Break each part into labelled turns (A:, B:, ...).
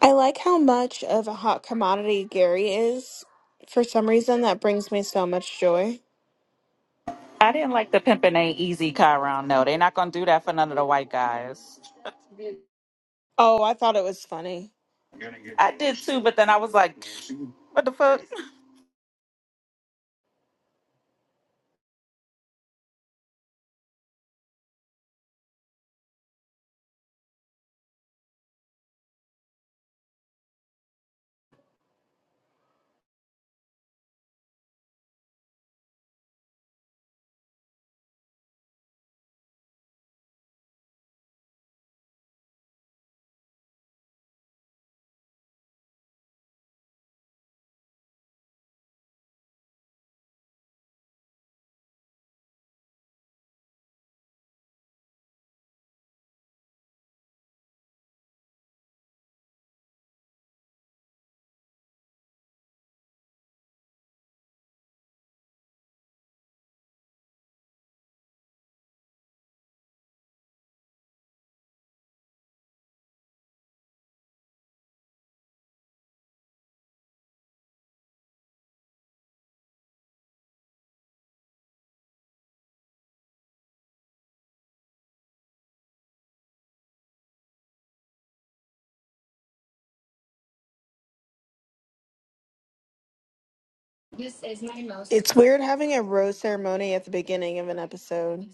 A: I like how much of a hot commodity Gary is. For some reason, that brings me so much joy.
B: I didn't like the pimpin' ain't easy car round. No, they're not gonna do that for none of the white guys.
A: Oh, I thought it was funny.
B: I did too, but then I was like, what the fuck?
A: It's weird having a rose ceremony at the beginning of an episode.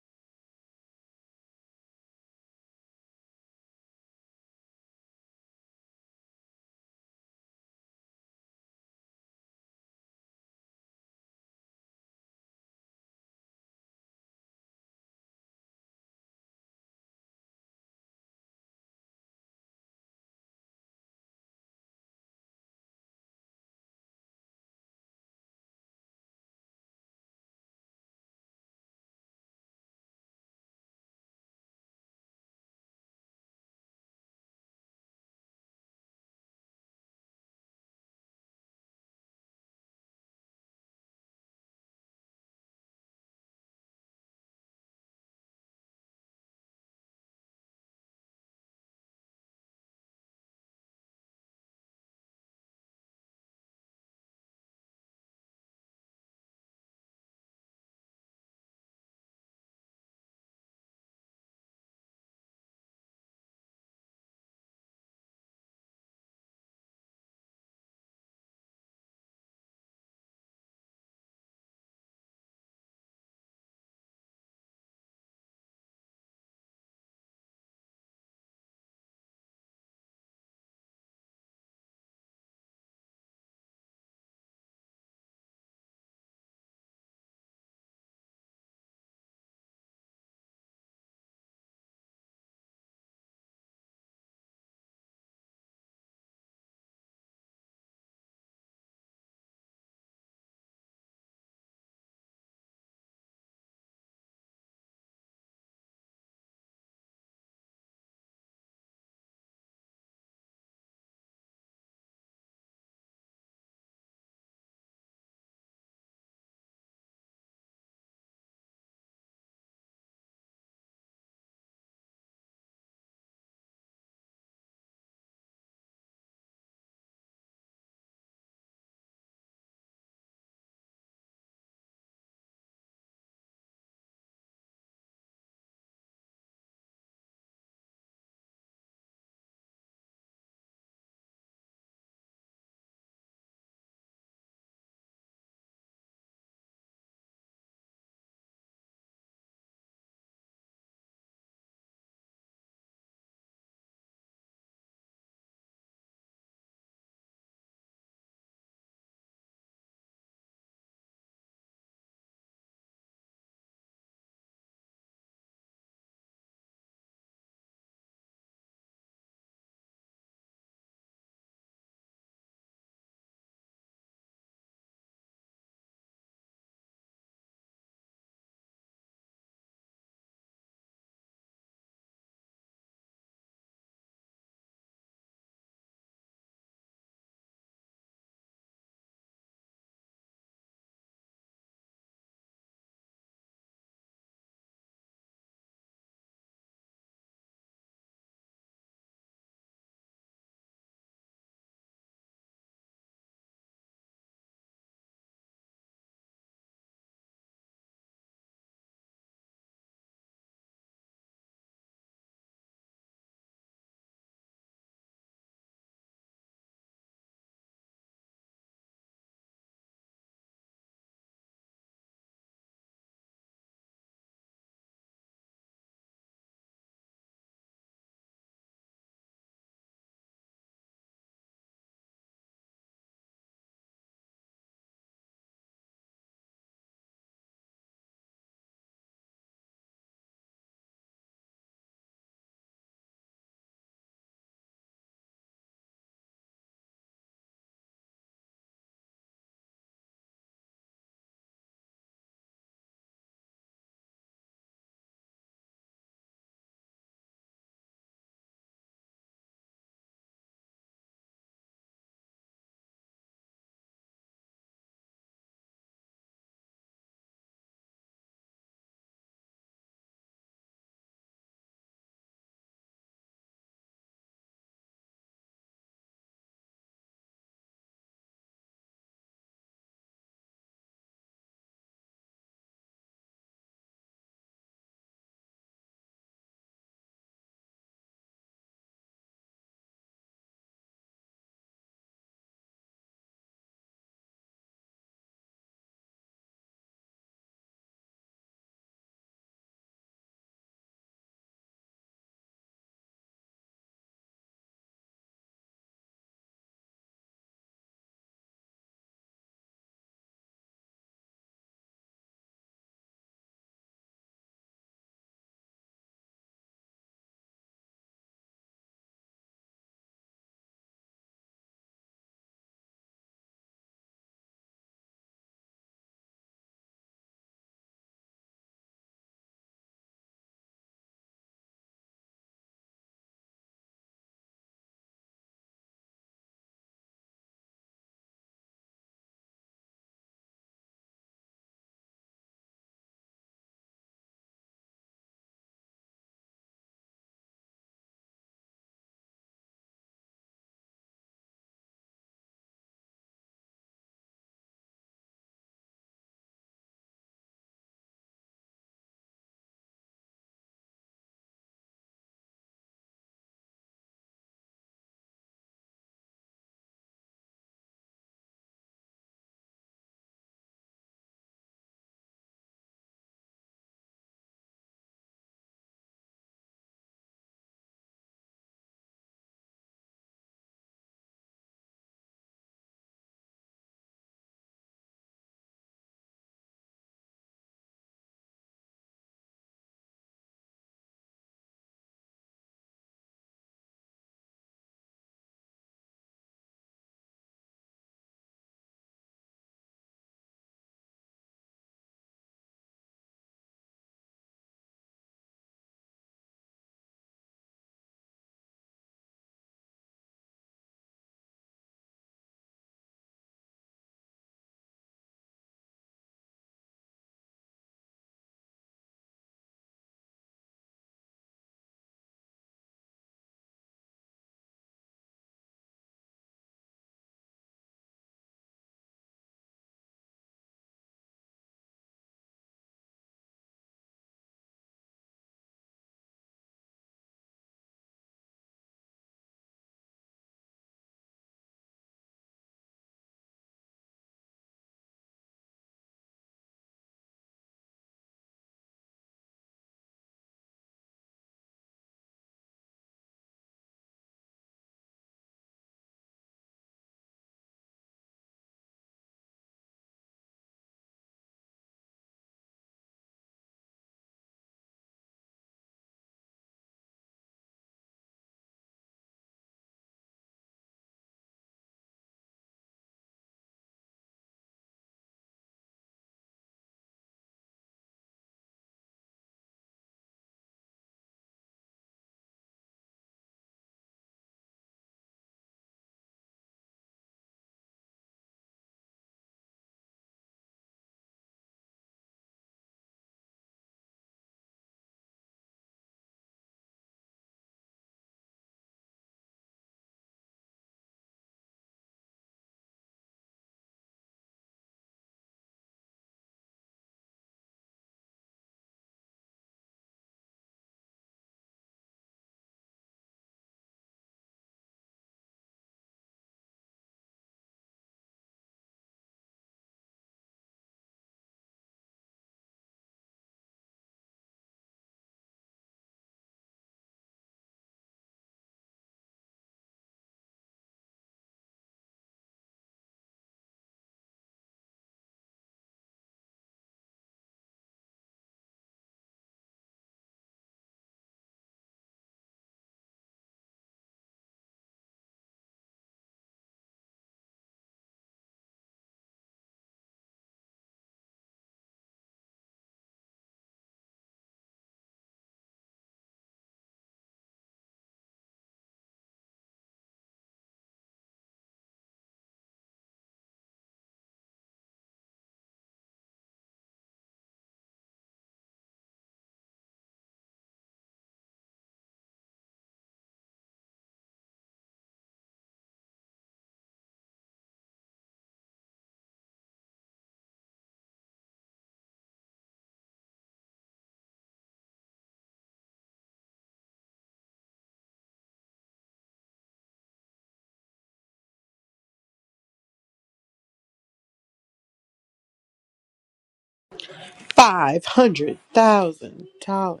C: five hundred thousand dollars.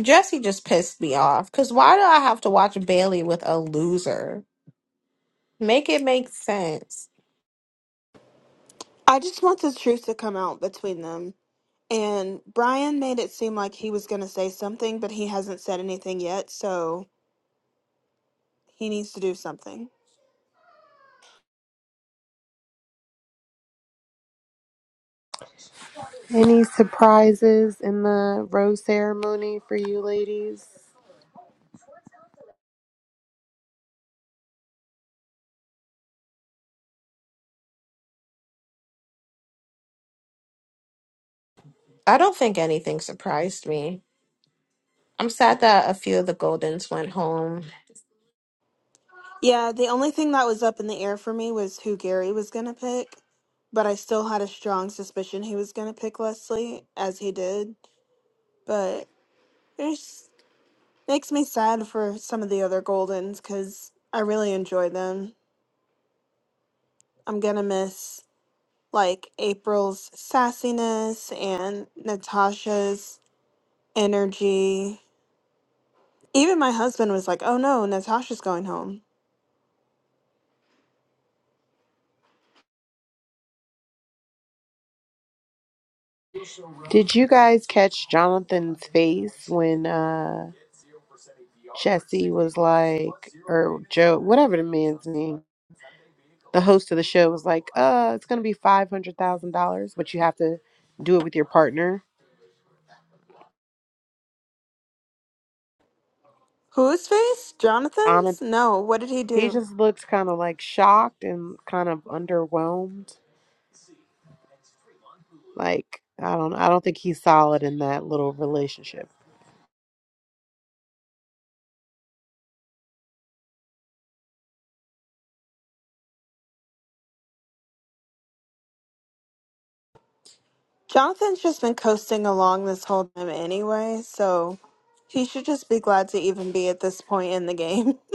D: Jesse just pissed me off. Cause why do I have to watch Bailey with a loser? Make it make sense.
A: I just want the truth to come out between them. And Brian made it seem like he was going to say something, but he hasn't said anything yet, so he needs to do something.
C: Any surprises in the rose ceremony for you ladies?
D: I don't think anything surprised me. I'm sad that a few of the Goldens went home.
A: Yeah, the only thing that was up in the air for me was who Gary was going to pick, but I still had a strong suspicion he was going to pick Leslie, as he did. But it just makes me sad for some of the other Goldens because I really enjoy them. I'm going to miss like April's sassiness and Natasha's energy. Even my husband was like, oh no, Natasha's going home.
C: Did you guys catch Jonathan's face when uh Jesse was like or Joe whatever the man's name, the host of the show was like, uh, it's gonna be five hundred thousand dollars, but you have to do it with your partner.
A: Whose face? Jonathan's?
C: Jonathan
A: No, what did he
C: he
A: do?
C: just looks kinda like shocked and kind of underwhelmed. Like I don't I don't think he's solid in that little relationship.
A: Jonathan's just been coasting along this whole time anyway, so he should just be glad to even be at this point in the game.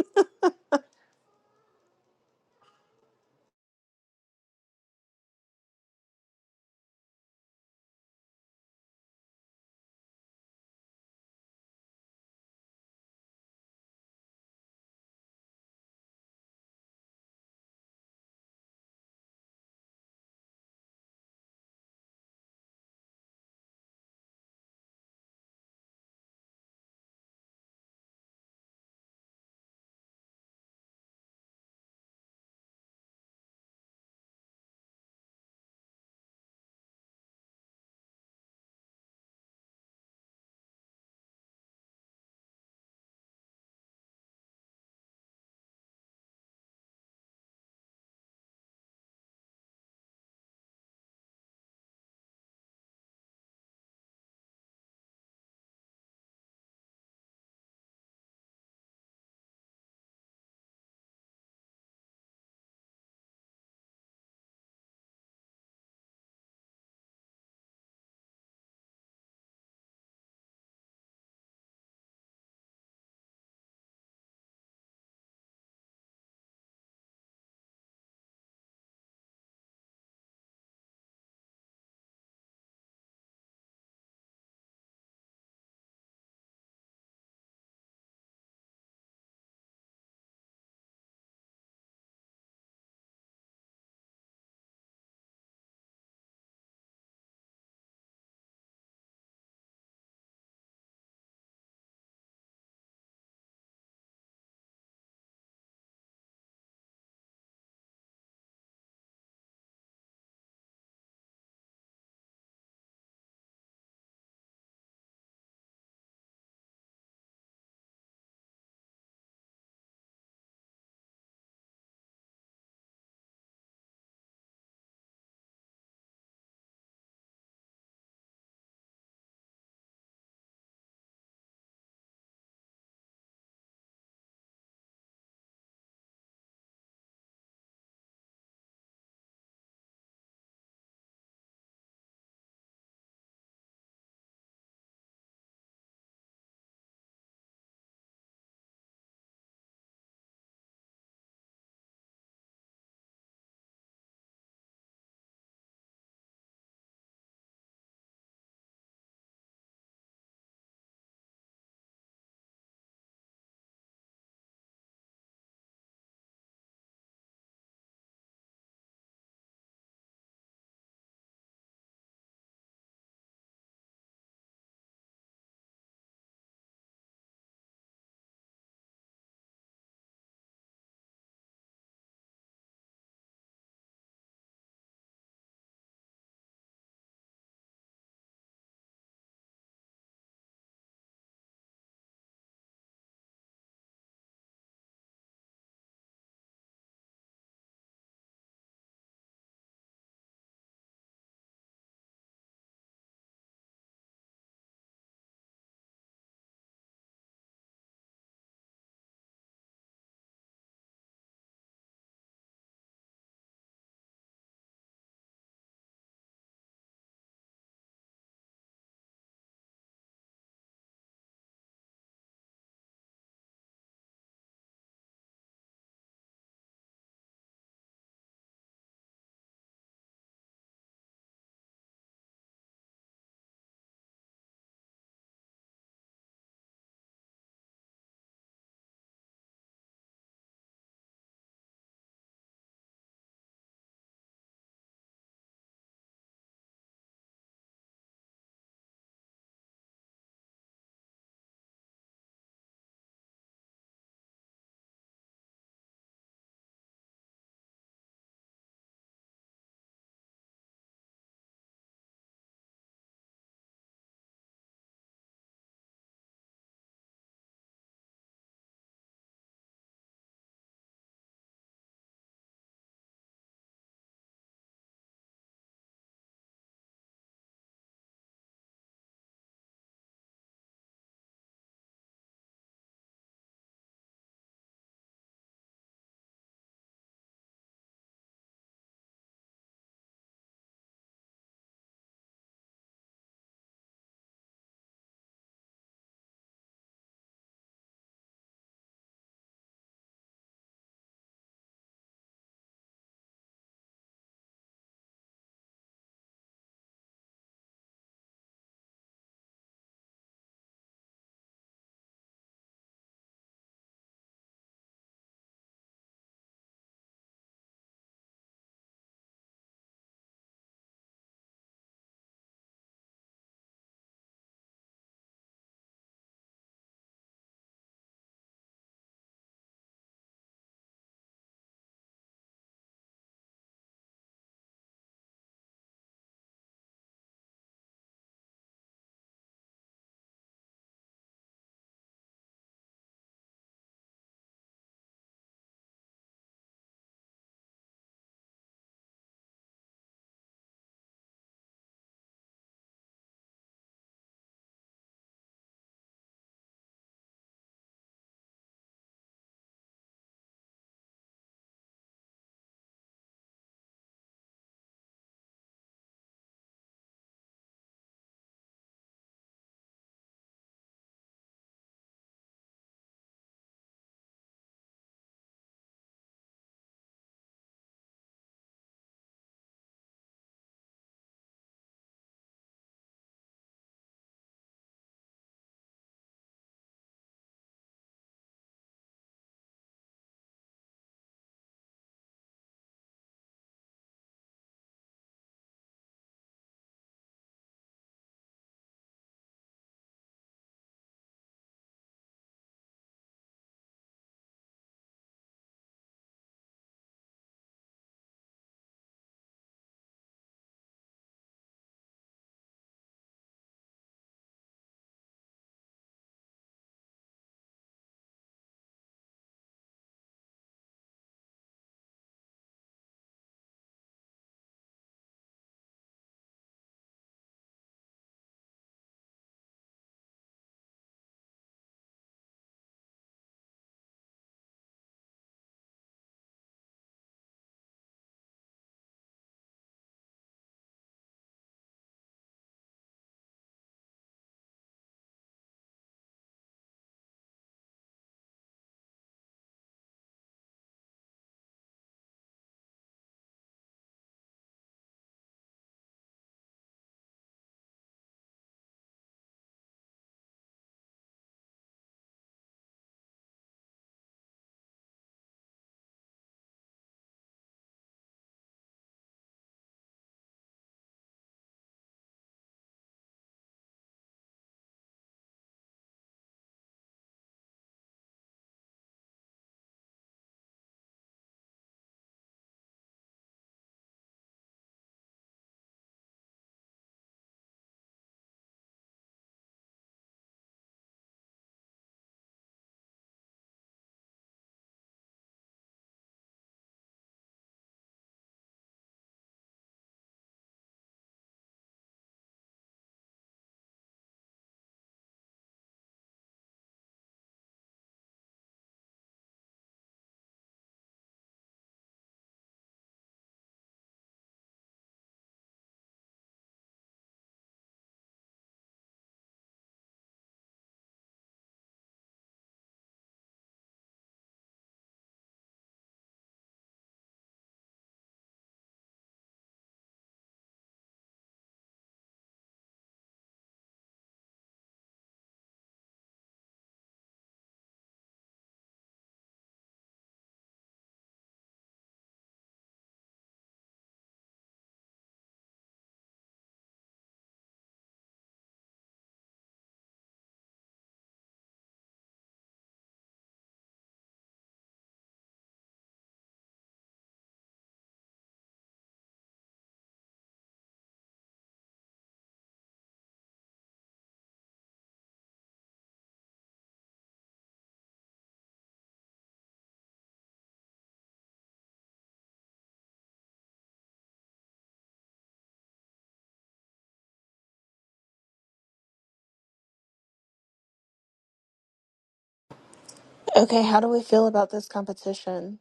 A: Okay, how do we feel about this competition?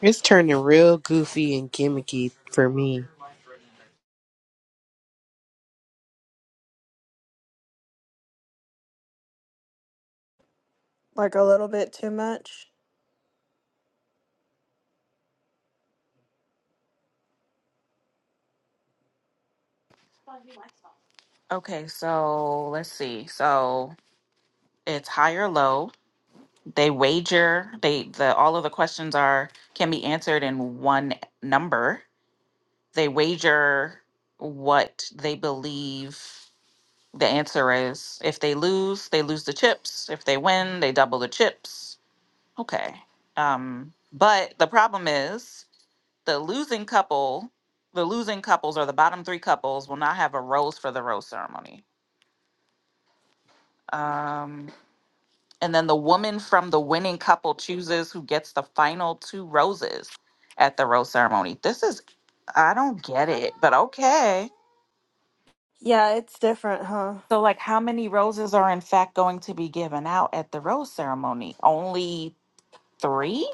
C: It's turning real goofy and gimmicky for me.
A: Like a little bit too much?
B: Okay, so let's see. So it's high or low. They wager. They the all of the questions are can be answered in one number. They wager what they believe the answer is. If they lose, they lose the chips. If they win, they double the chips. Okay. Um, but the problem is the losing couple, the losing couples or the bottom three couples will not have a rose for the rose ceremony. Um, and then the woman from the winning couple chooses who gets the final two roses at the rose ceremony. This is, I don't get it, but okay.
A: Yeah, it's different, huh?
B: So, like, how many roses are in fact going to be given out at the rose ceremony? Only three?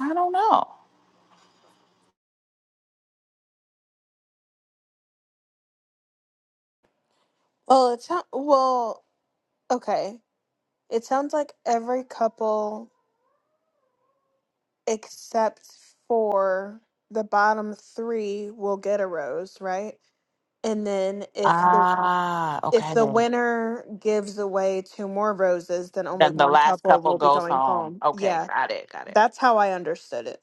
B: I don't know.
A: Well, it sounds well, okay. It sounds like every couple except for the bottom 3 will get a rose, right? And then if the
B: Ah,
A: If
B: okay.
A: the
B: Then
A: winner gives away two more roses, then only
B: Then the
A: one
B: last
A: couple
B: couple
A: will be
B: goes
A: going
B: home.
A: home.
B: Okay,
A: Yeah,
B: got it, got it.
A: that's how I understood it.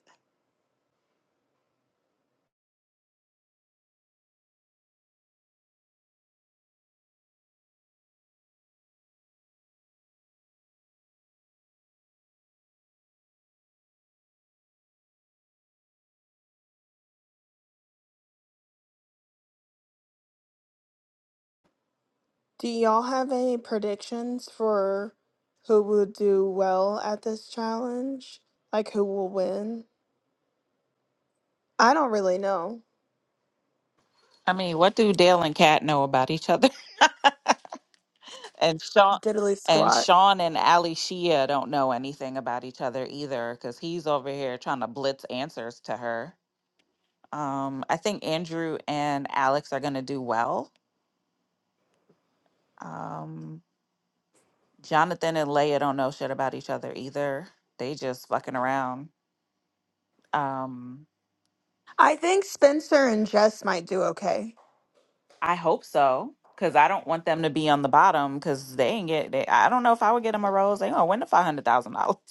A: Do y'all have any predictions for who would do well at this challenge? Like who will win? I don't really know.
B: I mean, what do Dale and Kat know about each other? And Sean
A: Diddly
B: and
A: squat.
B: Sean and Ali Shia don't know anything about each other either because he's over here trying to blitz answers to her. Um, I think Andrew and Alex are gonna do well. Um, Jonathan and Leia don't know shit about each other either. They just fucking around. Um,
A: I think Spencer and Jess might do okay.
B: I hope so because I don't want them to be on the bottom because they ain't get. They, I don't know if I would get them a rose. They gonna win the five hundred thousand dollars.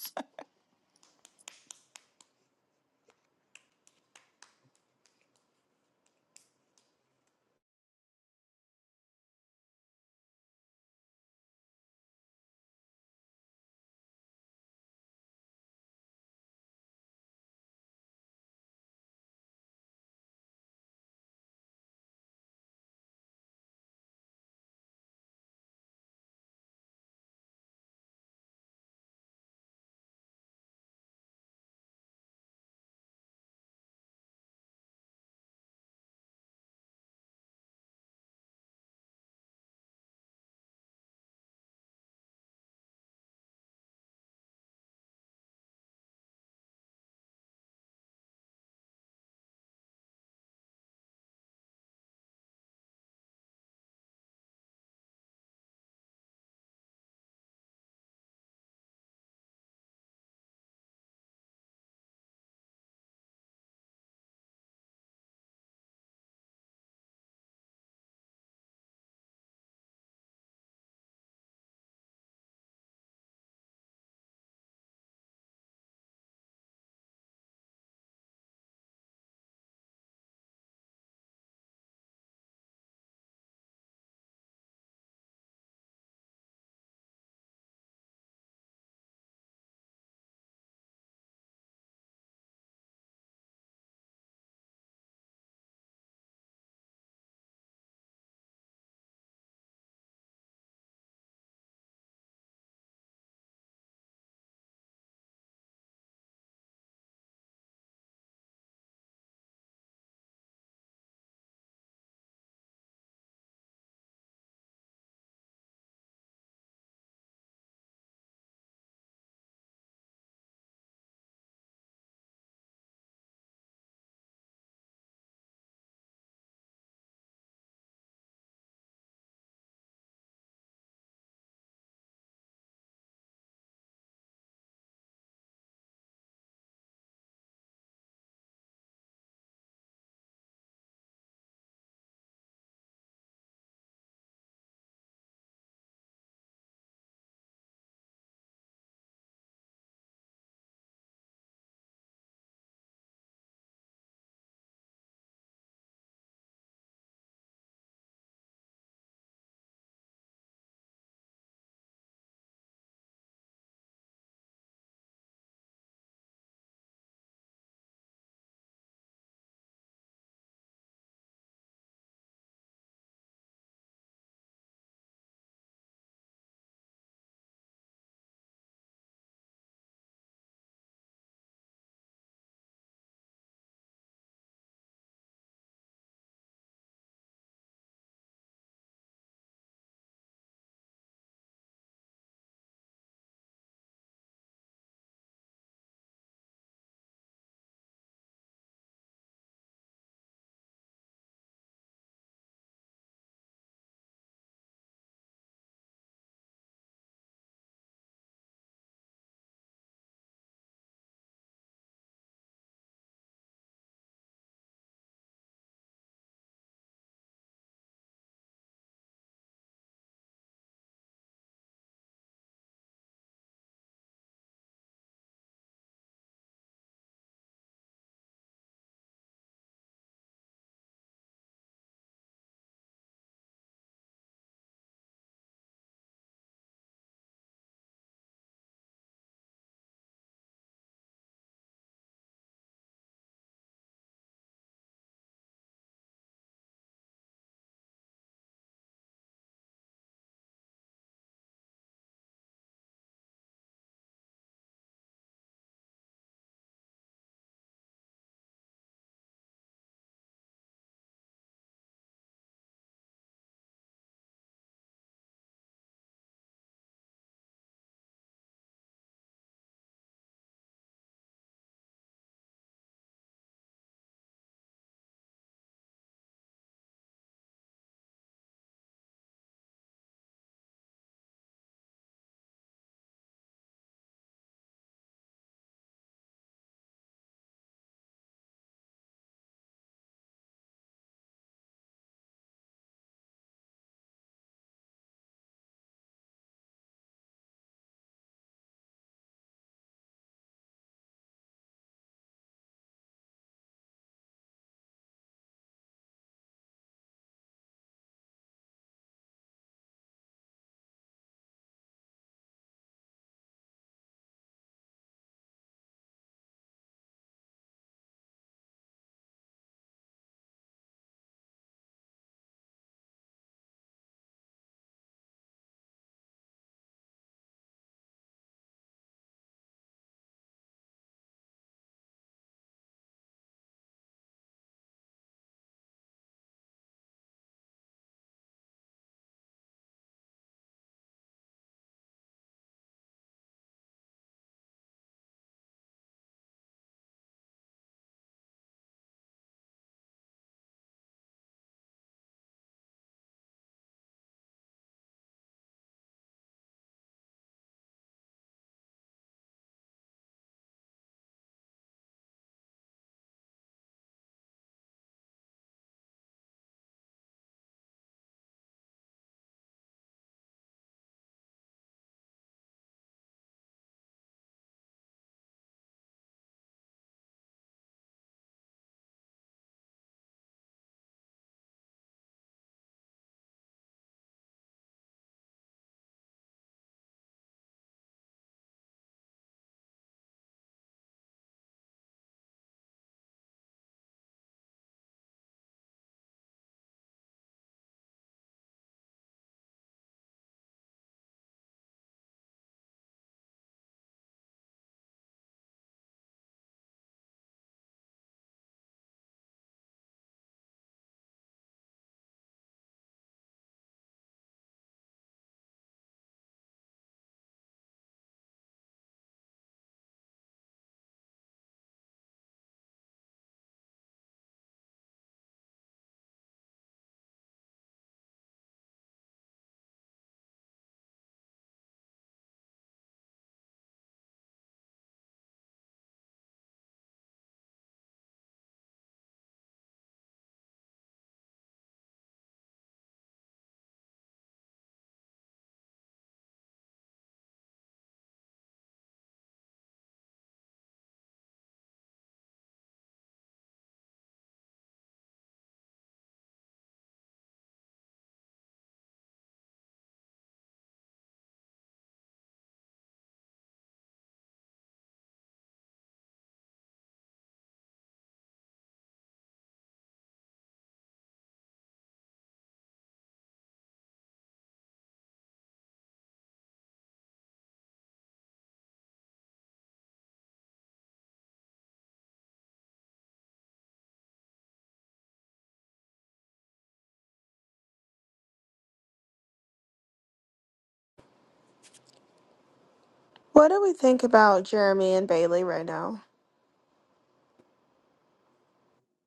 A: What do we think about Jeremy and Bailey right now?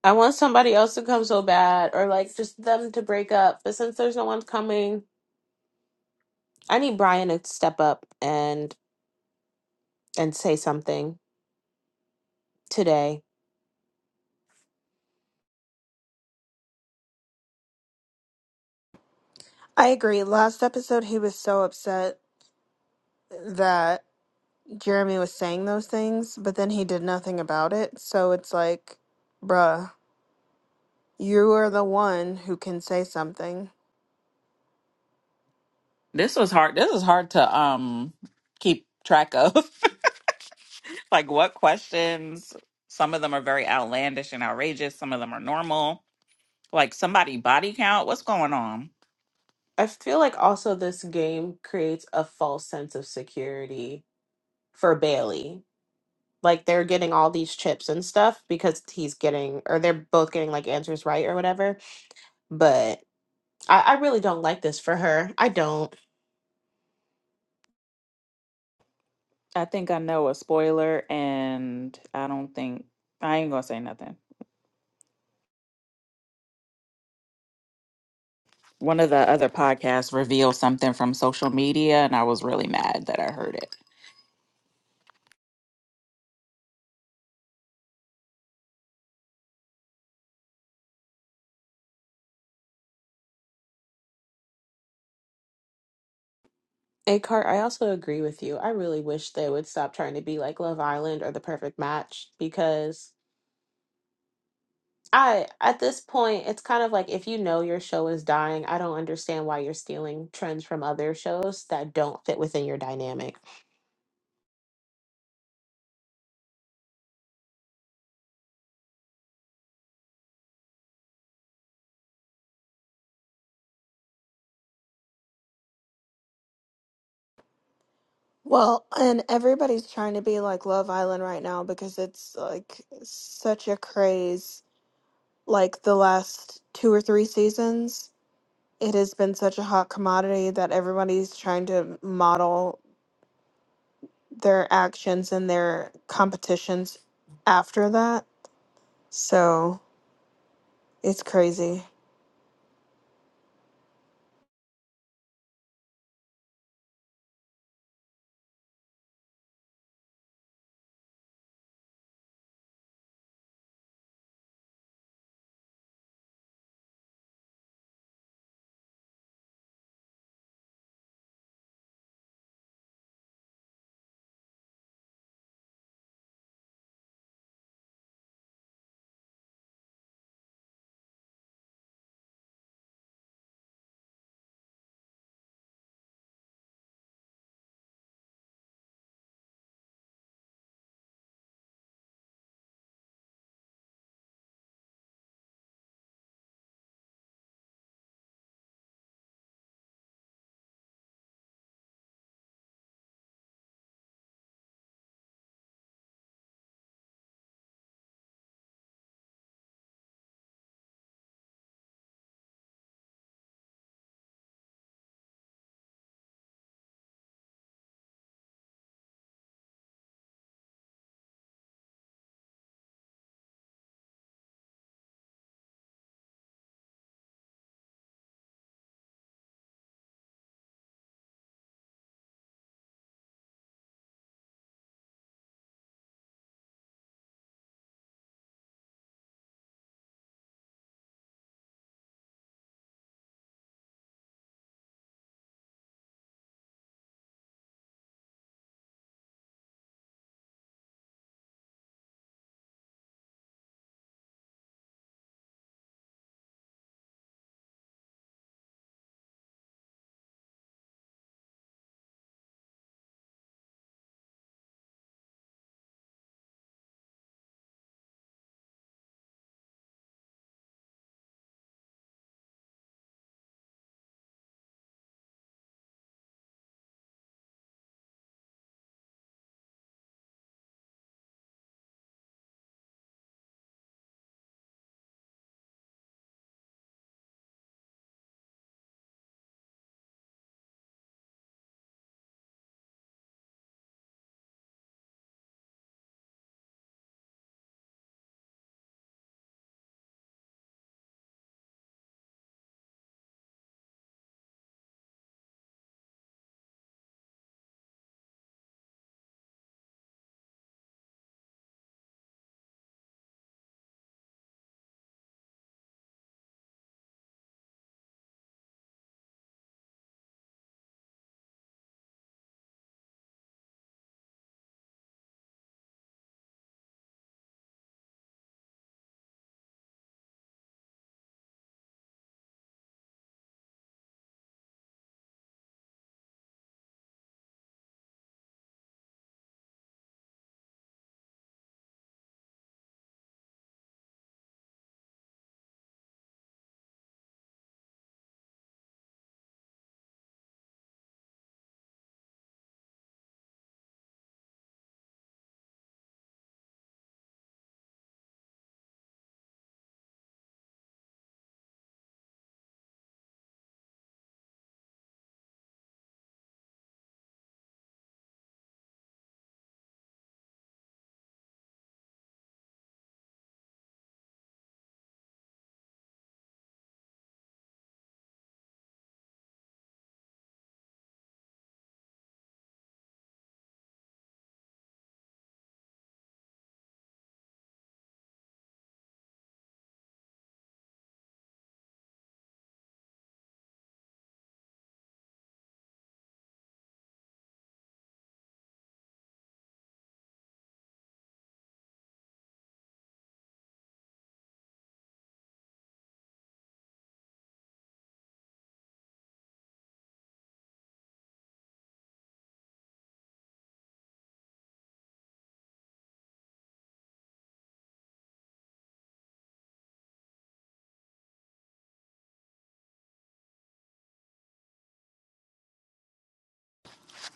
D: I want somebody else to come so bad, or like just them to break up. But since there's no one coming, I need Brian to step up and and say something today.
A: I agree. Last episode, he was so upset that Jeremy was saying those things, but then he did nothing about it. So it's like, bruh, you are the one who can say something.
B: This was hard. This is hard to um keep track of. like what questions? Some of them are very outlandish and outrageous. Some of them are normal. Like somebody body count. What's going on?
D: I feel like also this game creates a false sense of security for Bailey Like they're getting all these chips and stuff because he's getting, or they're both getting like answers right or whatever. But I, I really don't like this for her. I don't.
B: I think I know a spoiler, and I don't think I ain't gonna say nothing. One of the other podcasts revealed something from social media, and I was really mad that I heard it.
D: And Cart, I also agree with you. I really wish they would stop trying to be like Love Island or The Perfect Match because I, at this point, it's kind of like if you know your show is dying, I don't understand why you're stealing trends from other shows that don't fit within your dynamic.
A: Well, and everybody's trying to be like Love Island right now because it's like such a craze. Like the last two or three seasons, it has been such a hot commodity that everybody's trying to model their actions and their competitions after that. So it's crazy.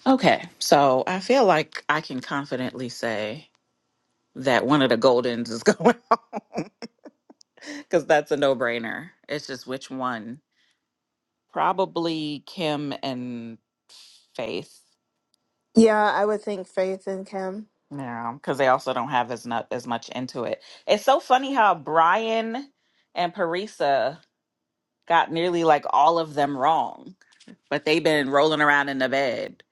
B: Okay, so I feel like I can confidently say that one of the Goldens is going home. because that's a no-brainer. It's just which one? Probably Kim and Faith.
A: Yeah, I would think Faith and Kim.
B: Yeah, because they also don't have as not as much into it. It's so funny how Brian and Parisa got nearly like all of them wrong, but they've been rolling around in the bed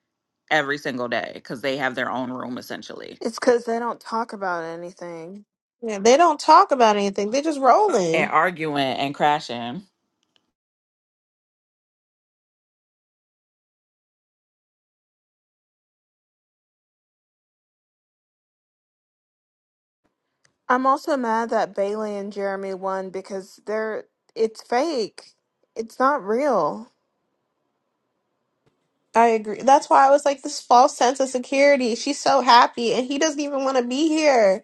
B: every single day because they have their own room essentially
A: It's because they don't talk about anything.
D: Yeah, they don't talk about anything. They just
B: and
D: rolling.
B: arguing and crashing.
A: I'm also mad that Bailey and Jeremy won because they're it's fake. It's not real.
D: I agree. That's why I was like this false sense of security. She's so happy and he doesn't even want to be here.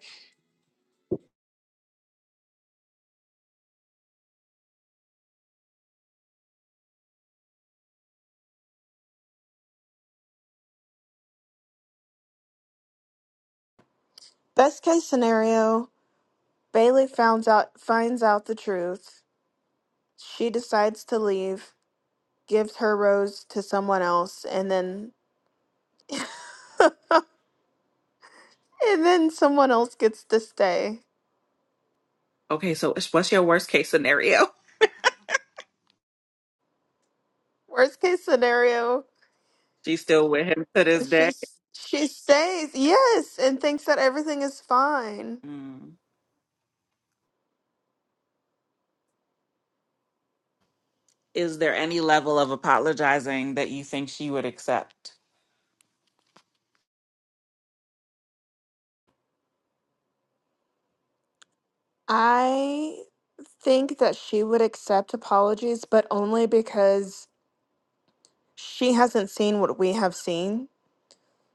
A: Best case scenario, Bailey finds out finds out the truth. She decides to leave, gives her rose to someone else, and then and then someone else gets to stay.
B: Okay, so what's your worst case scenario?
A: Worst case scenario,
B: She's still with him to this day.
A: she she stays. Yes, and thinks that everything is fine.
B: Mm. Is there any level of apologizing that you think she would accept?
A: I think that she would accept apologies, but only because she hasn't seen what we have seen.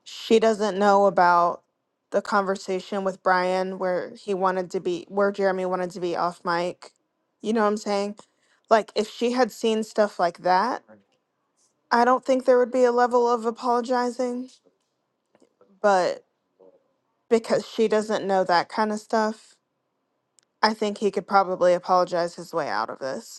A: She doesn't know about the conversation with Brian where he wanted to be, where Jeremy wanted to be off mic. You know what I'm saying? Like, if she had seen stuff like that, I don't think there would be a level of apologizing, but because she doesn't know that kind of stuff, I think he could probably apologize his way out of this.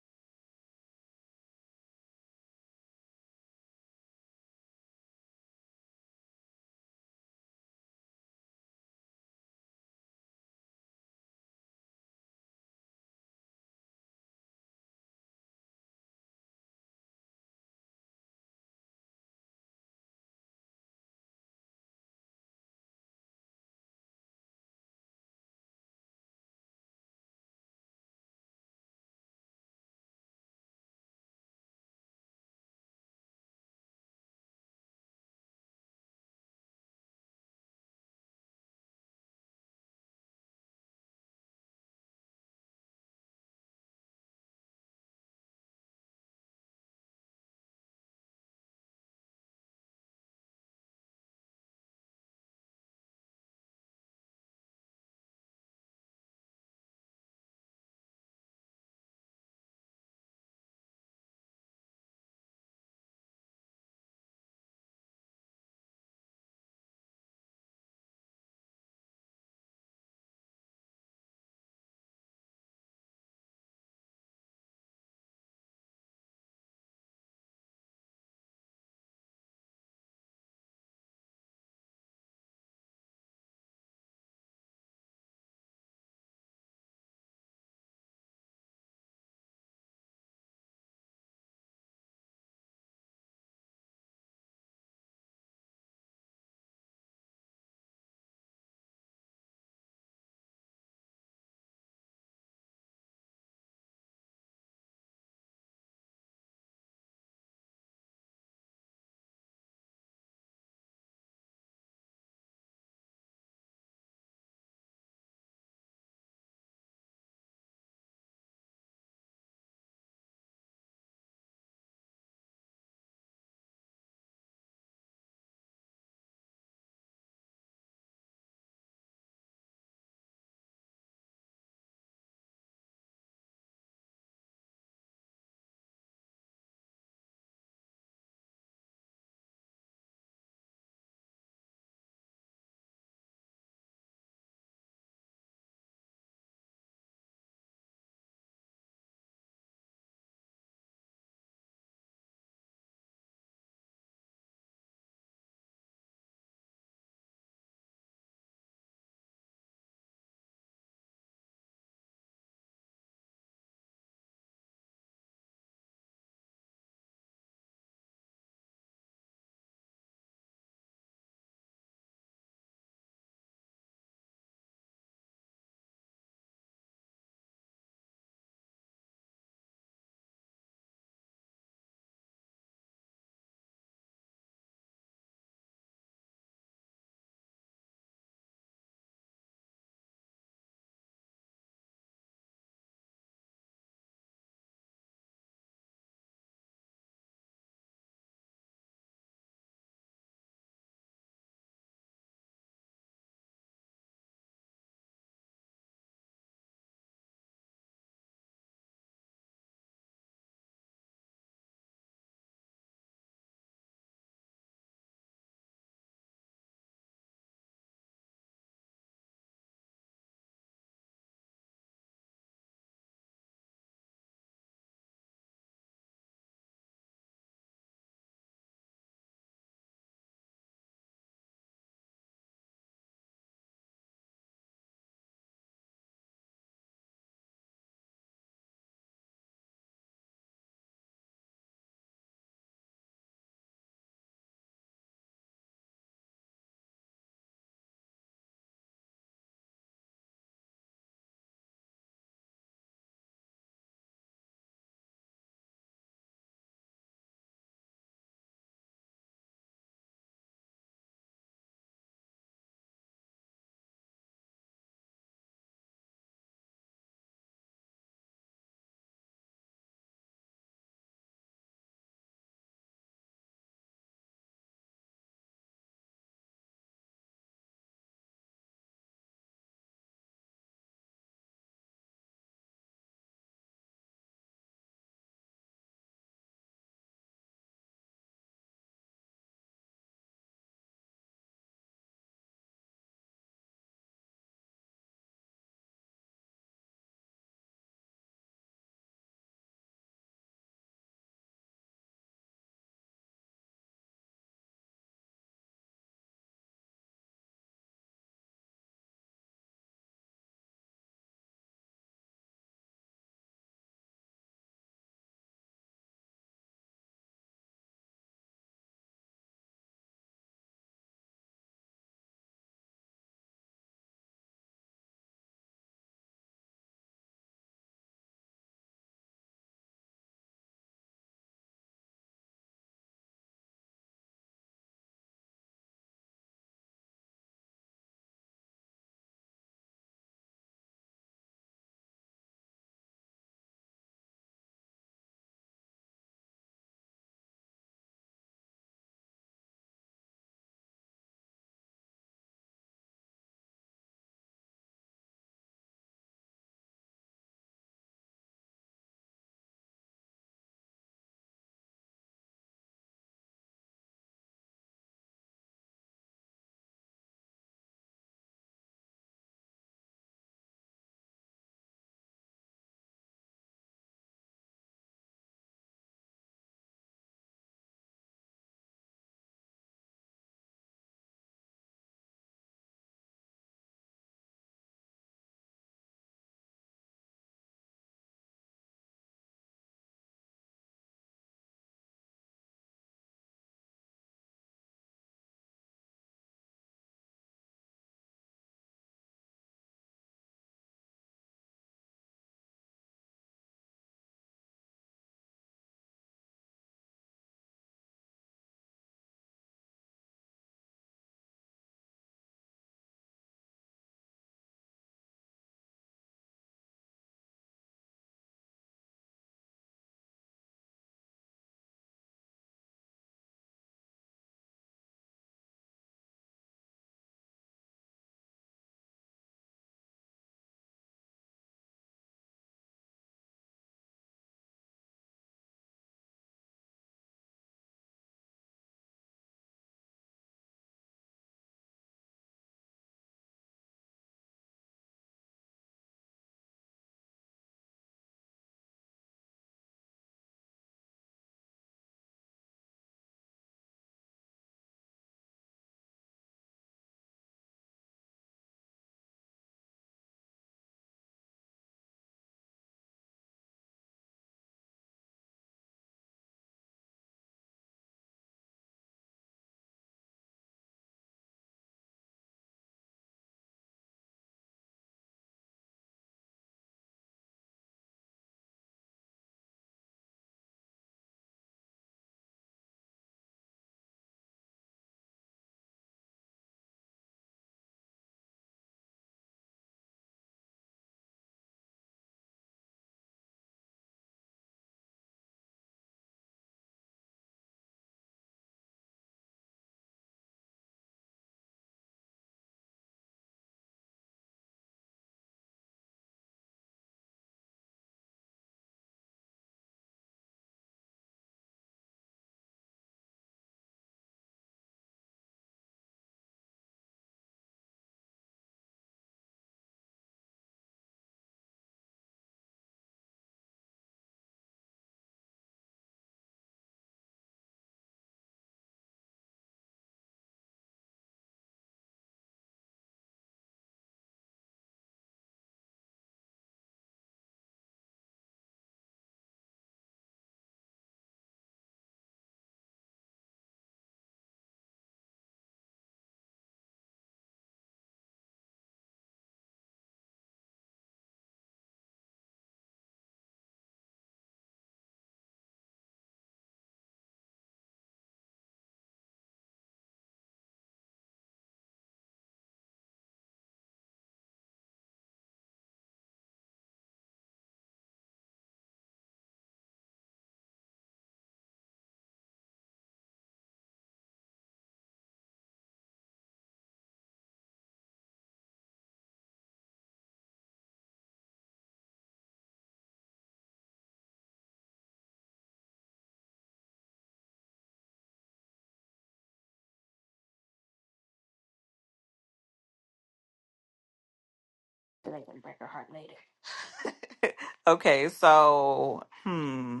B: Okay, so hmm.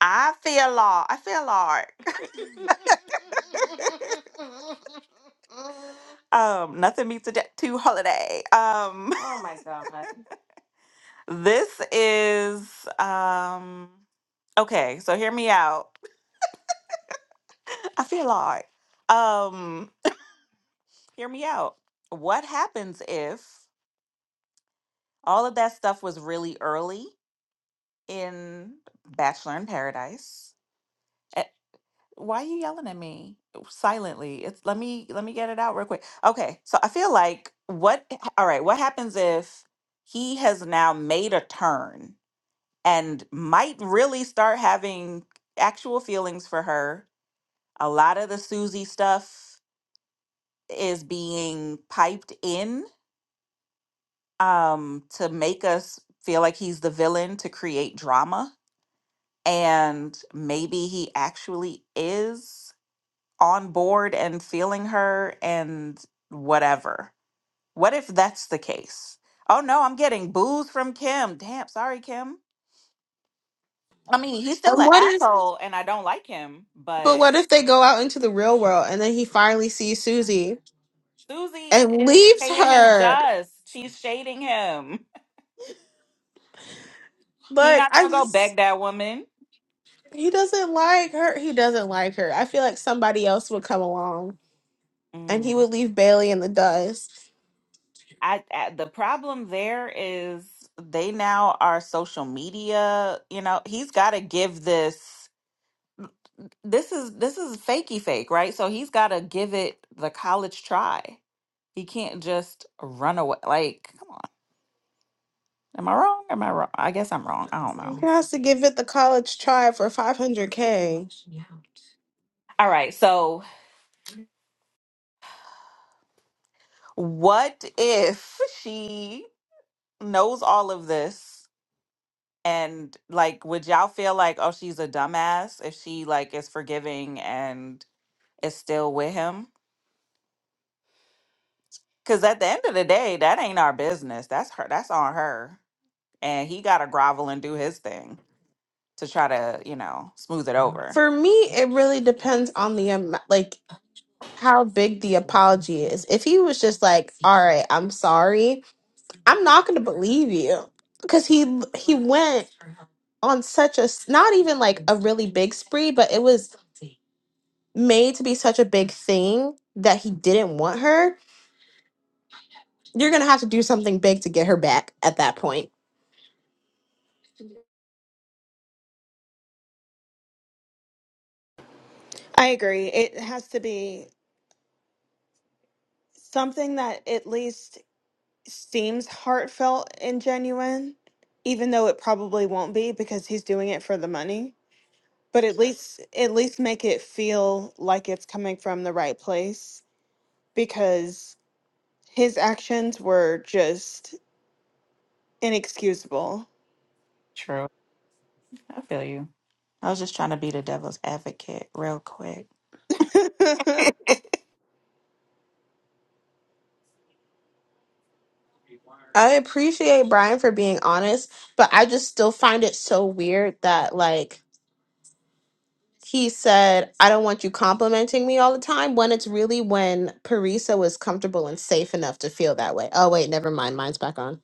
B: I feel law. I feel hard. um, nothing beats a debt to holiday. Um, this is um okay, so hear me out. I feel hard. Um, hear me out. What happens if all of that stuff was really early in Bachelor in Paradise? Why are you yelling at me silently? It's let me let me get it out real quick. Okay, so I feel like what all right, what happens if he has now made a turn and might really start having actual feelings for her? A lot of the Susie stuff is being piped in um to make us feel like he's the villain to create drama and maybe he actually is on board and feeling her and whatever. What if that's the case? Oh no, I'm getting booze from Kim. Damn, sorry, Kim. I mean, he's still
D: And
B: an
D: what if
B: asshole and I don't like him,
D: but
B: but
D: what if they go out into the real world and then he finally sees Susie
B: Susie
D: and
B: is
D: leaves
B: paying him
D: her?
B: dust. She's shading him. He
D: Like
B: not
D: I
B: gonna go beg
D: just
B: that woman.
D: he doesn't like her. He doesn't like her. I feel like somebody else would come along and he
B: Mm.
D: would leave Bailey in the dust.
B: I, I the problem there is they now are social media. You know, he's got to give this. this is this is fakey fake, right? So he's got to give it the college try. He can't just run away. Like, come on. Am I wrong? Am I wrong? I guess I'm wrong. I don't
D: He
B: know.
D: has to give it the college try for 500k.
B: All right. So, what if she knows all of this and like would y'all feel like, "Oh, she's a dumbass" if she like is forgiving and is still with him? Cuz at the end of the day, that ain't our business. That's her that's on her. And he got to grovel and do his thing. to try to, you know, smooth it over.
D: For me, it really depends on the amount. Like, how big the apology is. If he was just like, "All right, I'm sorry," I'm not going to believe you because he he went on such a s- not even like a really big spree, but it was made to be such a big thing that he didn't want her. You're going to have to do something big to get her back at that point.
A: I agree. It has to be something that at least seems heartfelt and genuine, even though it probably won't be because he's doing it for the money. But at least at least make it feel like it's coming from the right place because his actions were just inexcusable.
B: True. I feel you. I was just trying to be the devil's advocate real quick.
D: I appreciate Brian for being honest, but I just still find it so weird that like he said, I don't want you complimenting me all the time when it's really when Parisa was comfortable and safe enough to feel that way. Oh, wait, never mind. Mine's back on.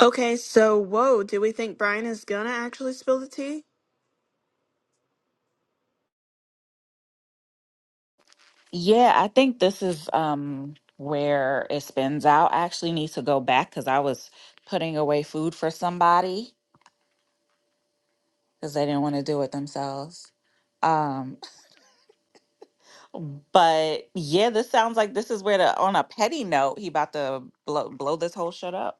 A: okay, so whoa, do we think Brian is gonna actually spill the tea?
B: Yeah, I think this is um where it spins out. I actually need to go back because I was putting away food for somebody because they didn't want to do it themselves. Um, but yeah, this sounds like this is where the on a petty note he about to blow blow this whole shit up.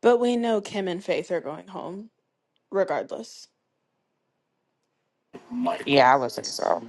A: But we know Kim and Faith are going home, regardless.
B: Yeah, I would say so.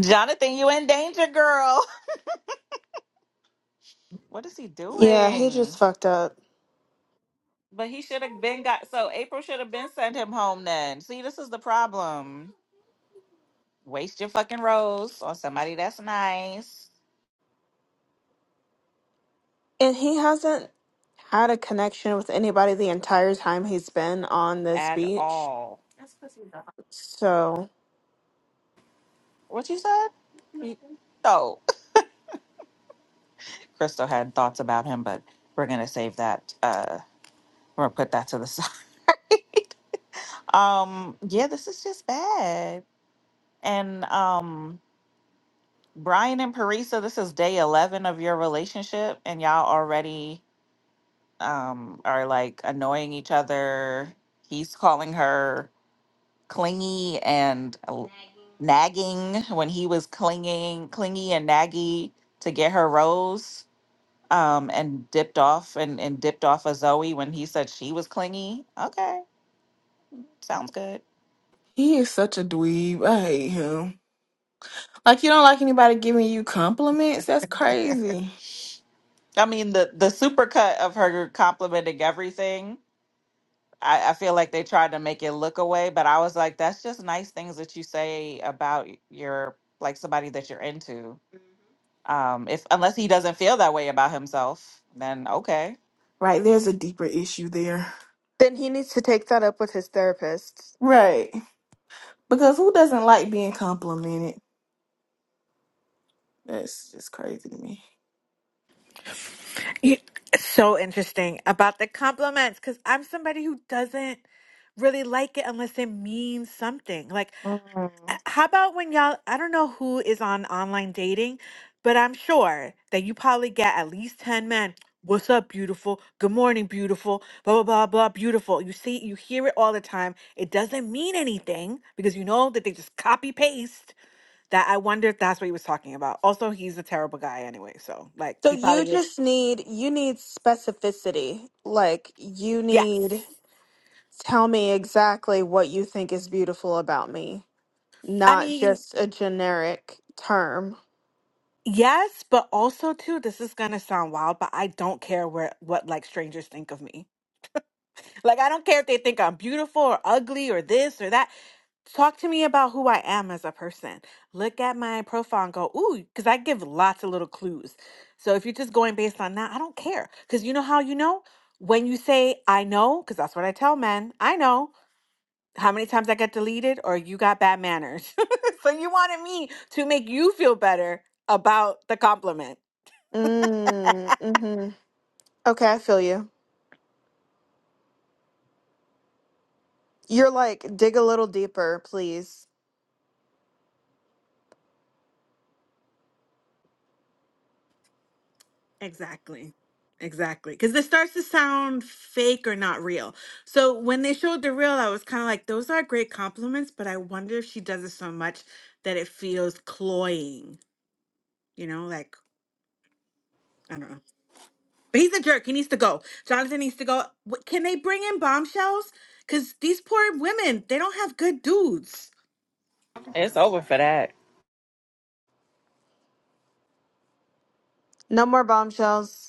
B: Jonathan, you in danger, girl. What is he
A: Yeah, he
B: doing?
A: just fucked up.
B: But he should have been got so April should have been sent him home then. See, this is the problem. Waste your fucking rose on somebody that's nice
A: And he hasn't had a connection with anybody the entire time he's been on this
B: at
A: beach.
B: all.
A: So
B: What you said? You- Oh, Crystal had thoughts about him, but we're gonna save that. Uh, we're gonna put that to the side. um, yeah, this is just bad. And um, Brian and Parisa, this is day eleven of your relationship, and y'all already um, are like annoying each other. He's calling her clingy and l- nagging when he was clinging, clingy and naggy to get her rose. Um, and dipped off and, and dipped off of Zoe when he said she was clingy. Okay, sounds good.
E: He is such a dweeb. I hate him. Like you don't like anybody giving you compliments? That's crazy.
B: I mean the the supercut of her complimenting everything. I, I feel like they tried to make it look away, but I was like, that's just nice things that you say about your like somebody that you're into Um, if unless he doesn't feel that way about himself, then okay.
E: Right, there's a deeper issue there.
A: then he needs to take that up with his therapist.
E: Right. Because who doesn't like being complimented? That's just crazy to me.
F: You- So interesting about the compliments because I'm somebody who doesn't really like it unless it means something. Like,
E: Mm.
F: uh, how about when y'all, I don't know who is on online dating, but I'm sure that you probably get at least 10 men. What's up, beautiful? Good morning, beautiful. Blah, blah, blah, blah, beautiful. You see, you hear it all the time. It doesn't mean anything because you know that they just copy paste. That I wonder if that's what he was talking about. Also, he's a terrible guy anyway. So, like,
A: So
F: he
A: you
F: probably is.
A: just need you need specificity. Like you need
F: Yes.
A: tell me exactly what you think is beautiful about me,
F: I
A: not
F: mean,
A: just a generic term.
F: yes, but also too, this is gonna sound wild, but I don't care where what like strangers think of me. Like I don't care if they think I'm beautiful or ugly or this or that. Talk to me about who I am as a person. Look at my profile and go, ooh, because I give lots of little clues. So if you're just going based on that, I don't care. Because you know how you know? When you say, I know, because that's what I tell men, I know. how many times I get deleted or you got bad manners. so you wanted me to make you feel better about the compliment.
A: Mm, mm-hmm. Okay, I feel you. You're like dig a little deeper, please.
F: Exactly. Exactly. Because it starts to sound fake or not real. So when they showed the real, I was kind of like, those are great compliments, but I wonder if she does it so much that it feels cloying, you know, like, I don't know. But he's a jerk. He needs to go. Jonathan needs to go. Wh- Can they bring in bombshells? Because these poor women, they don't have good dudes.
B: It's over for that.
A: No more bombshells.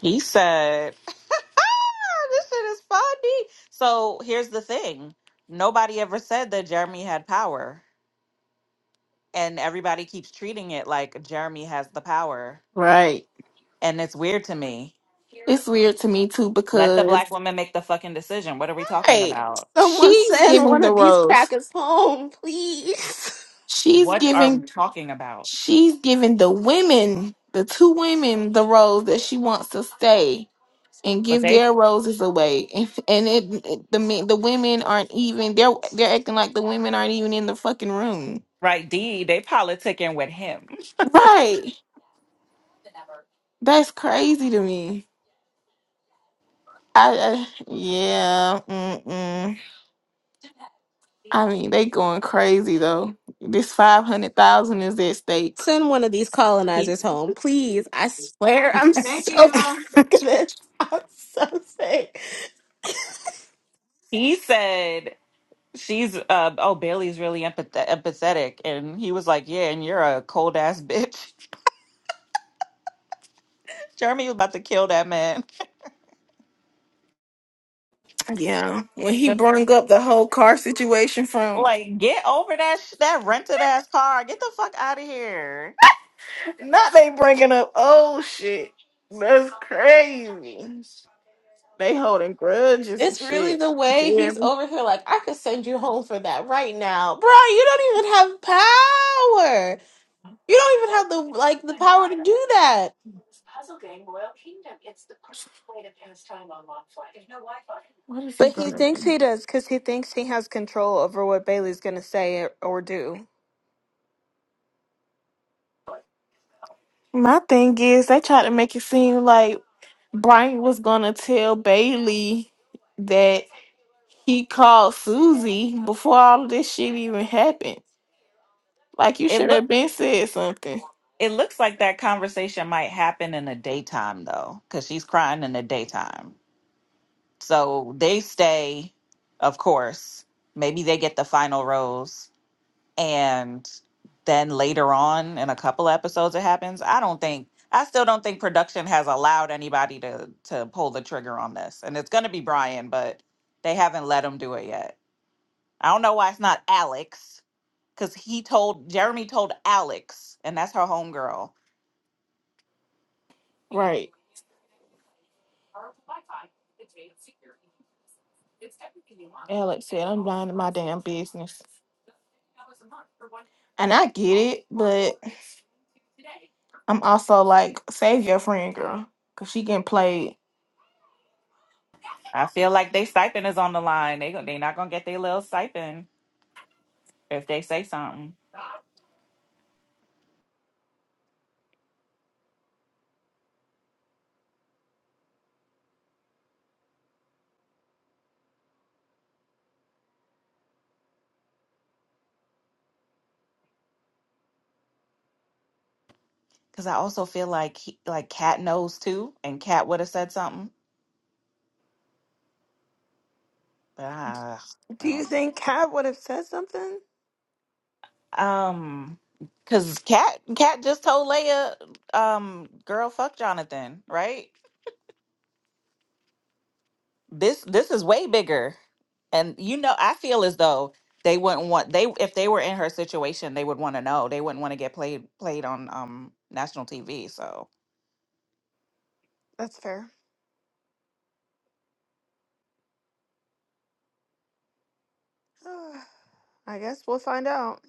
B: He said, "This shit is funny." So here's the thing: nobody ever said that Jeremy had power, and everybody keeps treating it like Jeremy has the power,
E: Right.
B: and it's weird to me.
E: It's weird to me too
B: Let the
E: because
B: black woman make the fucking decision. What are we talking
E: right,
B: about?
D: Someone
E: she's
D: send
E: giving
D: one
E: the
D: of these
E: rose.
D: crackers home, please.
E: She's
B: What are we
E: giving
B: talking about?
E: she's giving the women, the two women the rose that she wants to stay. and
B: But
E: give
B: they,
E: their roses away and it, it- the men the women aren't even they're they're acting like the women aren't even in the fucking room
B: right, D, they politicking with him.
E: right that's crazy to me i, I yeah mm-mm. i mean they going crazy though this 500000 is at stake
D: Send one of these colonizers home, please. I swear I'm
B: Thank
D: so
B: you.
D: sick of this. I'm so sick.
B: He said. she's uh oh Bailey's really empath- empathetic and he was like yeah and you're a cold ass bitch Jeremy was about to kill that man
E: yeah when he brung up the whole car situation from
B: like get over that sh- that rented ass car get the fuck out of here
E: not they bringing up oh shit that's crazy they holding grudges and
D: It's really
E: shit
D: the way he's
E: Jeremy.
D: over here, like, I could send you home for that right now. Bro, you don't even have power. You don't even have the like the power to do that.
E: What is he
A: But he
E: gonna
A: thinks
E: do?
A: he does because he thinks he has control over what Bailey's going to say or or do.
E: My thing is, they tried to make it seem like Brian was gonna tell Bailey that he called Susie before all of this shit even happened. Like you
B: it
E: should
B: look
E: have been said something,
B: it looks like that conversation might happen in the daytime though because she's crying in the daytime so they stay of course maybe they get the final rose and then later on in a couple episodes it happens i don't think i still don't think production has allowed anybody to to pull the trigger on this and it's going to be brian but they haven't let him do it yet i don't know why it's not alex because he told jeremy told alex and that's her homegirl
E: right? Alex said, "I'm blind to my damn business," and I get it, but I'm also like, save your friend, girl, cause she getting played.
B: i feel like they stipend is on the line they, gon- they not going to get their little stipend if they say something because i also feel like he, like kat knows too and kat would have said something but ah, I
A: Do
B: don't
A: you
B: know.
A: think Kat would have said something?
B: Um, cause Cat Cat just told Leia, um, girl, fuck Jonathan, right? This this is way bigger, and you know, I feel as though they wouldn't want they if they were in her situation, they would want to know. They wouldn't want to get played played on um national TV. So
A: That's fair. I guess we'll find out.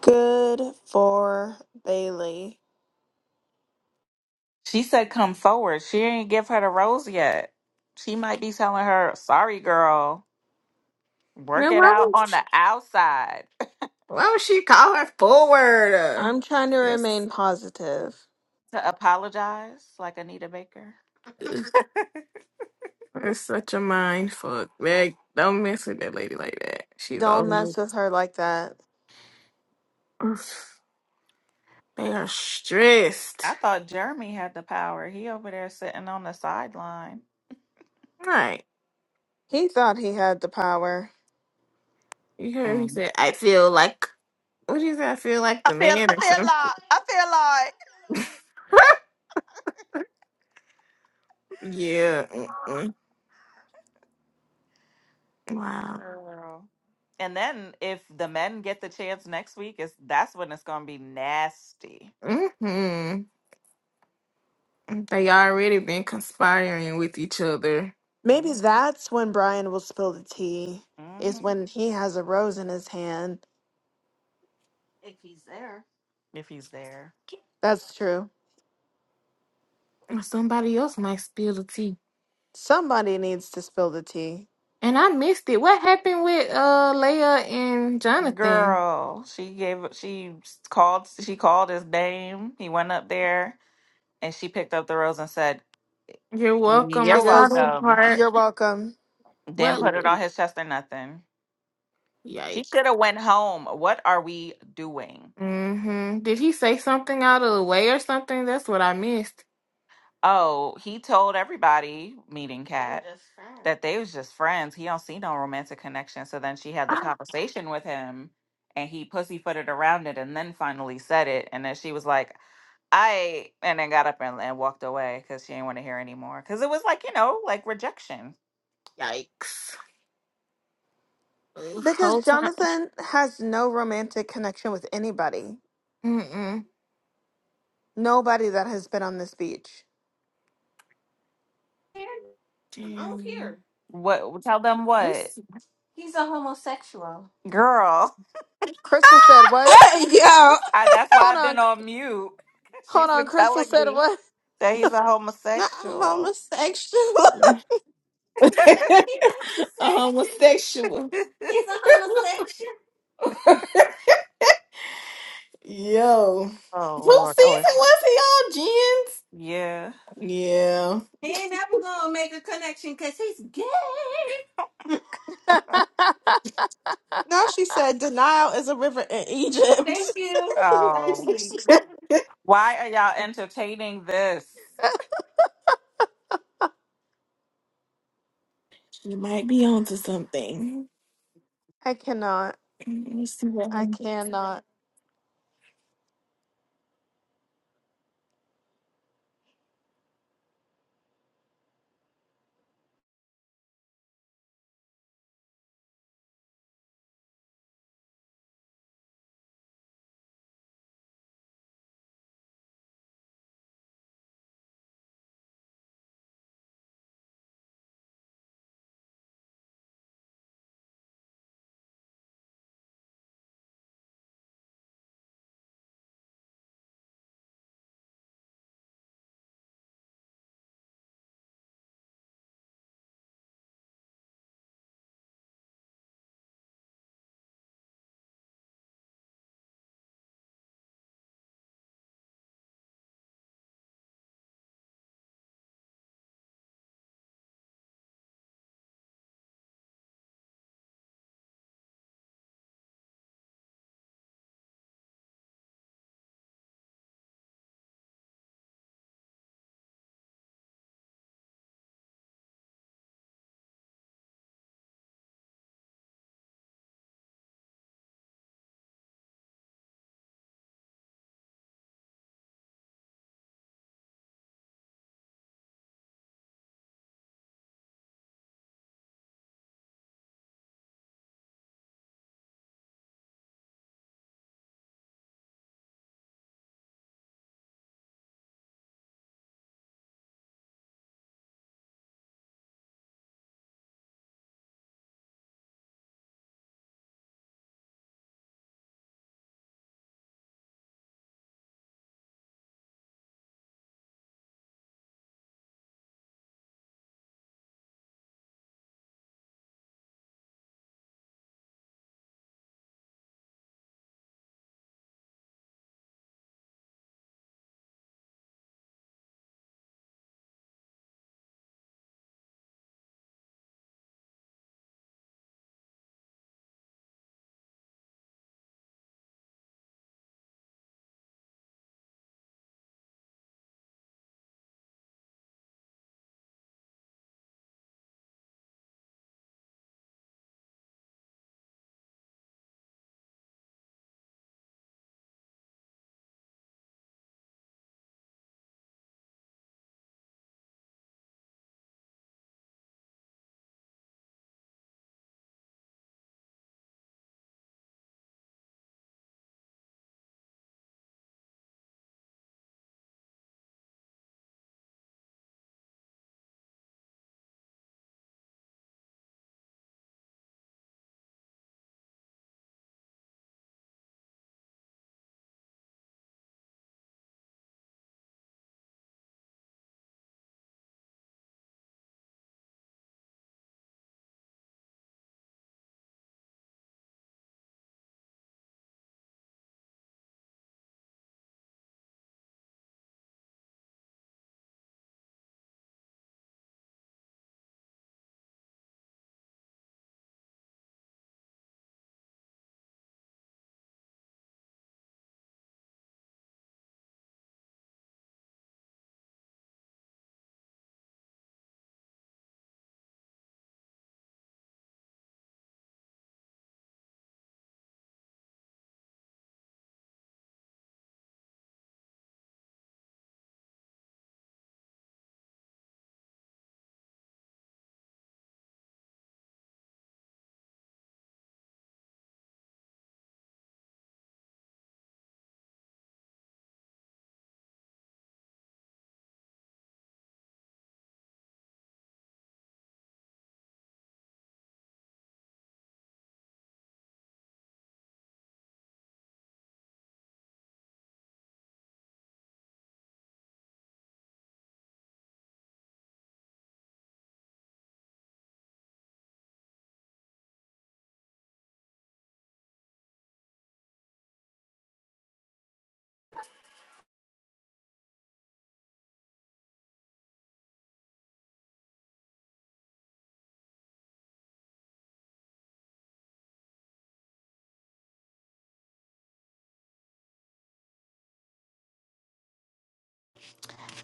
A: Good for Bailey.
B: she said, "Come forward." She ain't give her the rose yet. She might be telling her, "Sorry, girl, work
E: Man,
B: it
E: why
B: out
E: would
B: on the outside."
E: why would she call her forward?
A: I'm trying to
E: That's
A: remain positive.
B: To apologize, like Anita Baker.
E: It's such a mind fuck. Like, don't mess with that lady like that. She's
A: Don't
E: old.
A: mess with her like that.
E: They are stressed.
B: I thought Jeremy had the power. He over there sitting on the sideline.
E: Right.
A: He thought he had the power.
E: You heard he
B: Mm.
E: said, I feel like, what do you say? I feel like
B: I
E: the
B: feel
E: man
B: I
E: or
B: feel
E: something.
B: like I
E: yeah. Mm-mm.
B: feel like
E: Wow.
B: girl. And then if the men get the chance next week, is that's when it's gonna be nasty.
E: Mm-hmm. They already been conspiring with each other.
A: Maybe
B: hmm
A: that's when Brian will spill the tea,
B: hmm
A: is when he has a rose in his hand.
B: If he's there,
A: That's true.
E: Somebody else might spill the tea.
A: Somebody needs to spill the tea.
E: And I missed it. What happened with uh Leia and Jonathan?
B: girl, she gave she called she called his name. He went up there and she picked up the rose and said,
E: You're welcome. I
A: She
B: "You're
E: saw
A: goes,
E: that
B: welcome."
E: part.
A: You're welcome.
B: Didn't
E: What?
B: put it on his chest or nothing. She
E: Yikes.
B: should have went home. What are we doing?
E: hmm Did he say something out of the way or something? That's what I missed.
B: Oh, he told everybody, meeting Kat, that they was just friends. He don't see no romantic connection. So then she had the
E: Ah,
B: conversation with him and he pussyfooted around it and then finally said it. And then she was like, I, and then got up and, and walked away because she didn't want to hear anymore. Because it was like, you know, like rejection.
E: Yikes. Ugh,
A: Because
E: whole time.
A: Jonathan has no romantic connection with anybody.
E: Mm-mm.
A: Nobody that has been on this beach.
E: Damn.
B: What, tell them what?
E: It's
B: Girl,
A: Crystal said, What?
D: Hey, yo,
B: I, that's why
A: Hold
B: I've been
A: on.
B: on mute.
A: Hold
B: She's
A: on.
B: been
A: Crystal
B: telling
A: said,
B: me
A: What?
B: that he's a
D: not
B: homosexual.
D: homosexual.
E: homosexual.
B: He's
E: Yo.
B: Oh
E: Who
B: Lord. Oh
E: season was he on,
B: yeah.
E: Jens? Yeah.
D: now she said denial is a river in Egypt.
B: Oh. Why are y'all entertaining this?
E: You might be onto something.
A: I cannot.
E: Let me see what
A: I
E: happens.
A: cannot.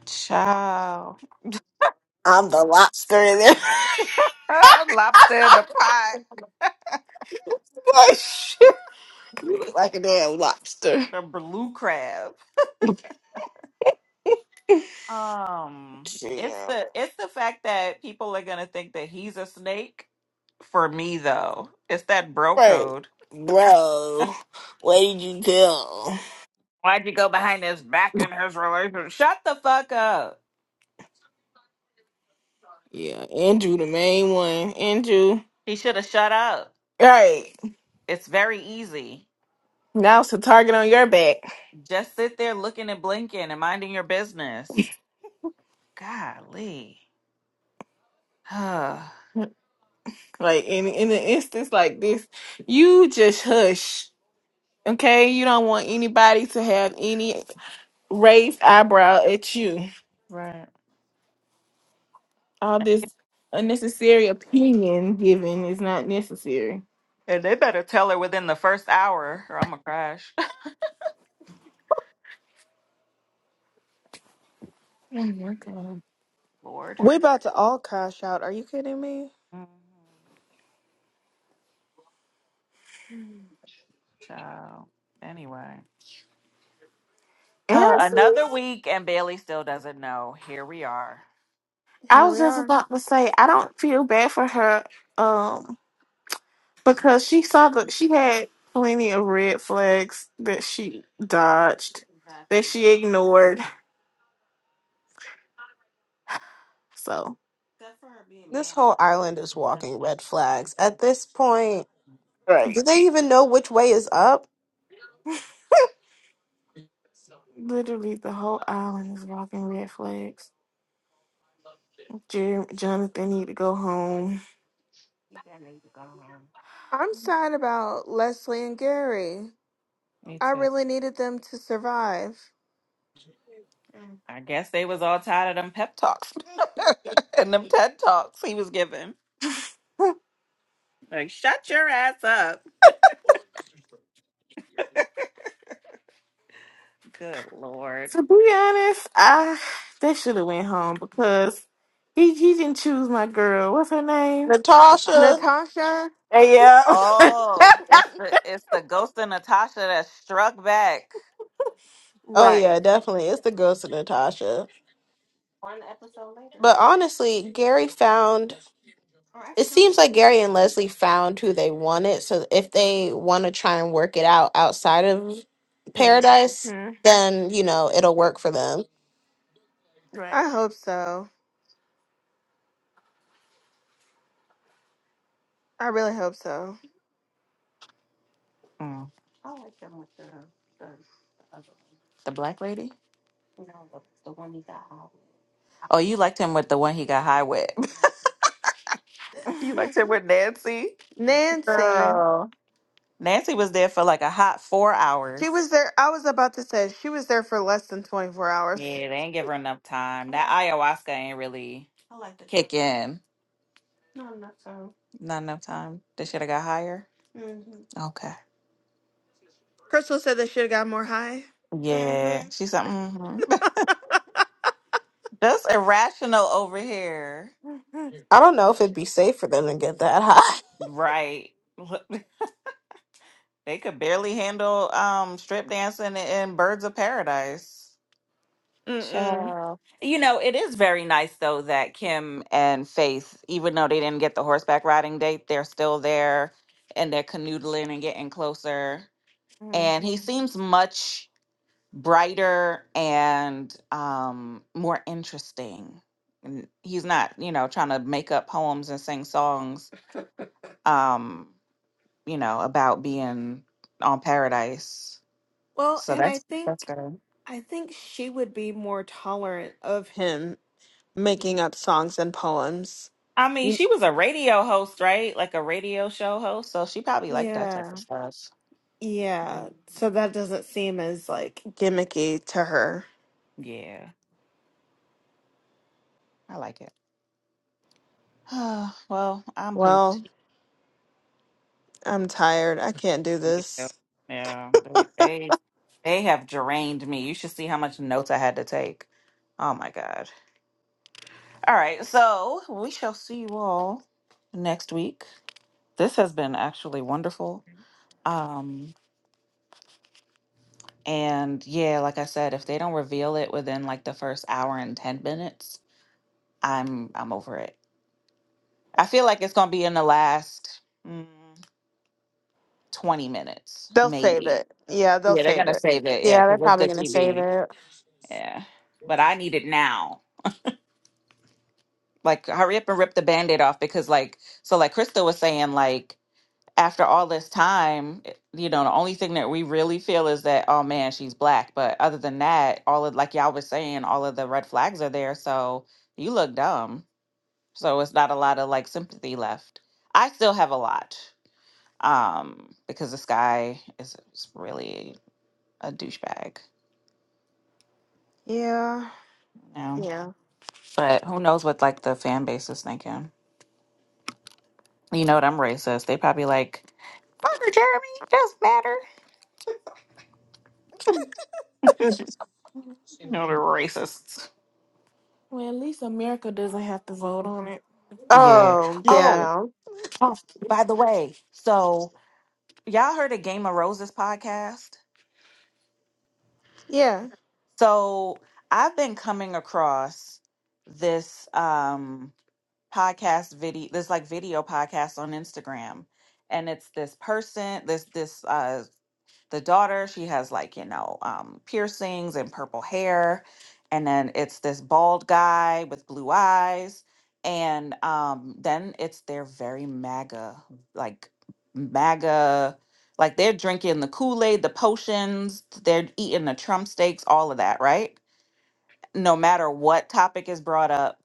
B: Child.
E: I'm the lobster in there. like,
B: Ah, lobster in the pot.
E: shit, you look like a damn lobster.
B: The blue crab. Um it's
E: Yeah.
B: the it's the fact that people are gonna think that he's a snake. For me though. It's that bro
E: Right.
B: code.
E: Bro, where did you go?
B: Why'd you go behind his back in his relationship? Shut the fuck up.
E: Yeah, Andrew, the main one. Andrew.
B: He should have shut up.
E: Right.
B: It's very easy.
E: Now it's a target on your back.
B: Just sit there looking and blinking and minding your business. Golly. right.
E: Like in in an instance like this, you just hush. Okay? You don't want anybody to have any raised eyebrow at you. All this unnecessary opinion giving is not necessary.
B: And they better tell her within the first hour or I'm going to crash.
E: Oh my god.
B: Lord.
A: We about to all crash out. Are you kidding me?
B: Mhm. Child. Anyway. Huh,
E: Honestly,
B: Another week and Bailey still doesn't know. Here we are.
E: I
A: Here
E: was
A: we
E: just
A: are.
E: about to say I don't feel bad for her. Um because she saw the she had plenty of red flags that she dodged, that she ignored. So
D: this whole island is walking red flags. At this point, do
E: Right.
D: they even know which way is up?
E: literally the whole island is walking red flags. Jer- Jonathan need to go home.
A: I'm sad about Leslie and Gary.
B: Me
A: I
B: too.
A: really needed them to survive.
B: I guess they was all tired of them pep talks and them TED talks he was giving. Like, shut your ass up. Good Lord.
E: To be honest, I they should have went home because he he didn't choose my girl. What's her name?
D: Natasha?
A: Natasha,
E: Hey, yeah.
B: Oh, it's the it's the ghost of Natasha that struck back.
D: Oh,
E: Right.
D: yeah, definitely. It's the ghost of Natasha. But honestly, Gary found. It seems like Gary and Leslie found who they wanted. So if they want to try and work it out outside of paradise,
E: hmm
D: then, you know, it'll work for them.
E: Right.
A: I hope so. I really hope so.
B: Mm, the black lady. Oh, you liked him with the one he got high with. you liked him with Nancy,
A: Nancy,
B: girl. Nancy was there for like a hot four
A: she
B: hours.
A: was there. I was about to say she was there for less than 24 hours.
B: Yeah, they ain't give her enough time. That ayahuasca ain't really I like to kick in. Not enough time. They should have got higher. Okay.
A: Crystal said they should have got more high.
B: Yeah, Mhm. she's something. That's irrational over here.
D: I don't know if it'd be safe for them to get that high.
B: Right. They could barely handle um strip dancing in Birds of Paradise.
A: Mm-mm.
B: Child. You know, it is very nice though that Kim and Faith, even though they didn't get the horseback riding date, they're still there and they're canoodling and getting closer. And he
E: Mhm.
B: seems much brighter and um more interesting. And he's not, you know, trying to make up poems and sing songs um, you know, about being on paradise.
A: Well,
B: So
A: and I
B: that's that's
A: think
B: good.
A: I think she would be more tolerant of him making up songs and poems.
B: I mean,
A: Y-
B: she was a radio host, right? Like a radio show host. So she probably liked that type of
A: Yeah.
B: stuff.
A: Yeah. So that doesn't seem as like gimmicky to her.
B: Yeah, I like it. well, I'm pooped.
A: Well, I'm tired. I can't do
B: Yeah,
A: this.
B: yeah, they, they they have drained me. You should see how much notes I had to take. Oh my god. All right, so we shall see you all next week. This has been actually wonderful. Um, and yeah, like I said, if they don't reveal it within like the first hour and ten minutes, I'm I'm over it. I feel like it's gonna be in the last mm, 20 minutes,
A: They'll save
B: maybe.
A: it. Yeah, they'll
B: Yeah, they're
A: save
B: gonna
A: it.
B: save it. Yeah,
D: Yeah, they're
B: because it's
D: probably
B: good
D: gonna save
B: TV.
D: it.
B: Yeah, but I need it now. Like, hurry up and rip the band-aid off because, like, so like Krista was saying, like after all this time, it- you know, the only thing that we really feel is that oh man, she's black. But other than that, all of like y'all was saying, all of the red flags are there. So you look dumb. So it's not a lot of like sympathy left. I still have a lot. um, because this guy is, is really a douchebag.
A: Yeah.
B: You know?
A: Yeah.
B: But who knows what like the fan base is thinking? You know what? I'm racist. They probably like, fuck her, Jeremy. It doesn't matter. You know they're racists.
E: Well, at least America doesn't have to vote on it.
B: Yeah.
D: Oh
A: Yeah.
B: Oh,
D: damn.
B: oh, by the way, so y'all heard of Game of Roses podcast?
A: Yeah.
B: So I've been coming across this. um podcast video this like video podcast on Instagram and it's this person this this uh the daughter she has like you know um piercings and purple hair and then it's this bald guy with blue eyes and um then it's their very maga like maga like they're drinking the Kool-Aid the potions they're eating the Trump steaks all of that right no matter what topic is brought up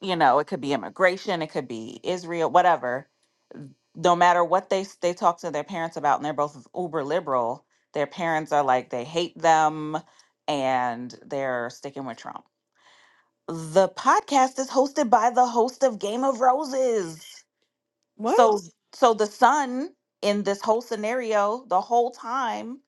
B: you know, it could be immigration, it could be Israel, whatever. No matter what they s- they talk to their parents about, and they're both uber liberal, their parents are like they hate them, and they're sticking with Trump. The podcast is hosted by the host of Game of Roses. So
A: What?
B: so the son in this whole scenario the whole time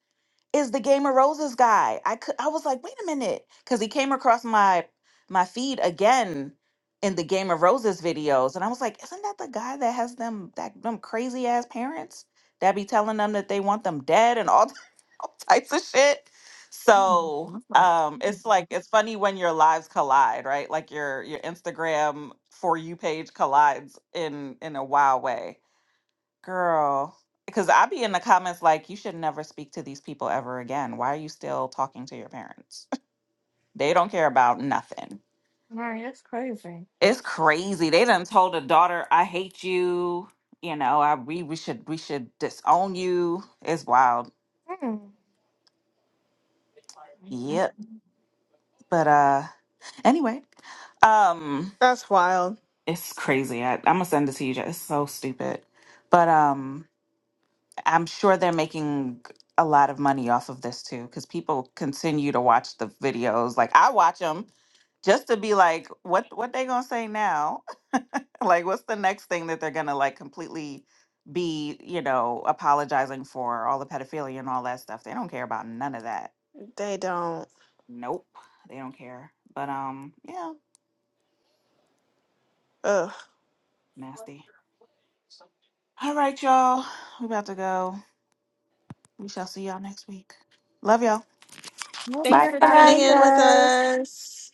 B: is the Game of Roses guy. I could I was like, wait a minute, because he came across my my feed again in the Game of Roses videos, and I was like, isn't that the guy that has them that them crazy ass parents that be telling them that they want them dead and all, all types of shit?
E: Mm,
B: So
E: I'm like,
B: um, it's like it's funny when your lives collide, right? Like your your Instagram for you page collides in in a wild way. Girl, because i be in the comments like, you should never speak to these people ever again. Why are you still talking to your parents? They don't care about nothing.
E: man, that's crazy.
B: It's crazy. They done told a daughter, I hate you. You know, I we, we should we should disown you. It's wild.
E: Mm.
B: Yep. But uh anyway, um
A: That's wild.
B: it's crazy. I, I'm gonna send it to you. It's so stupid. But um I'm sure they're making a lot of money off of this too, because people continue to watch the videos. Like I watch them just to be like, what what they gonna say now? like, what's the next thing that they're gonna like completely be, you know, apologizing for all the pedophilia and all that stuff? They don't care about none of that.
A: They don't.
B: Nope, they don't care. But um, yeah,
A: Ugh.
B: nasty. All right, y'all, we about to go. We shall see y'all next week. Love y'all.
A: Thanks for
D: Good
A: tuning
D: night,
A: in with
D: guys.
A: us.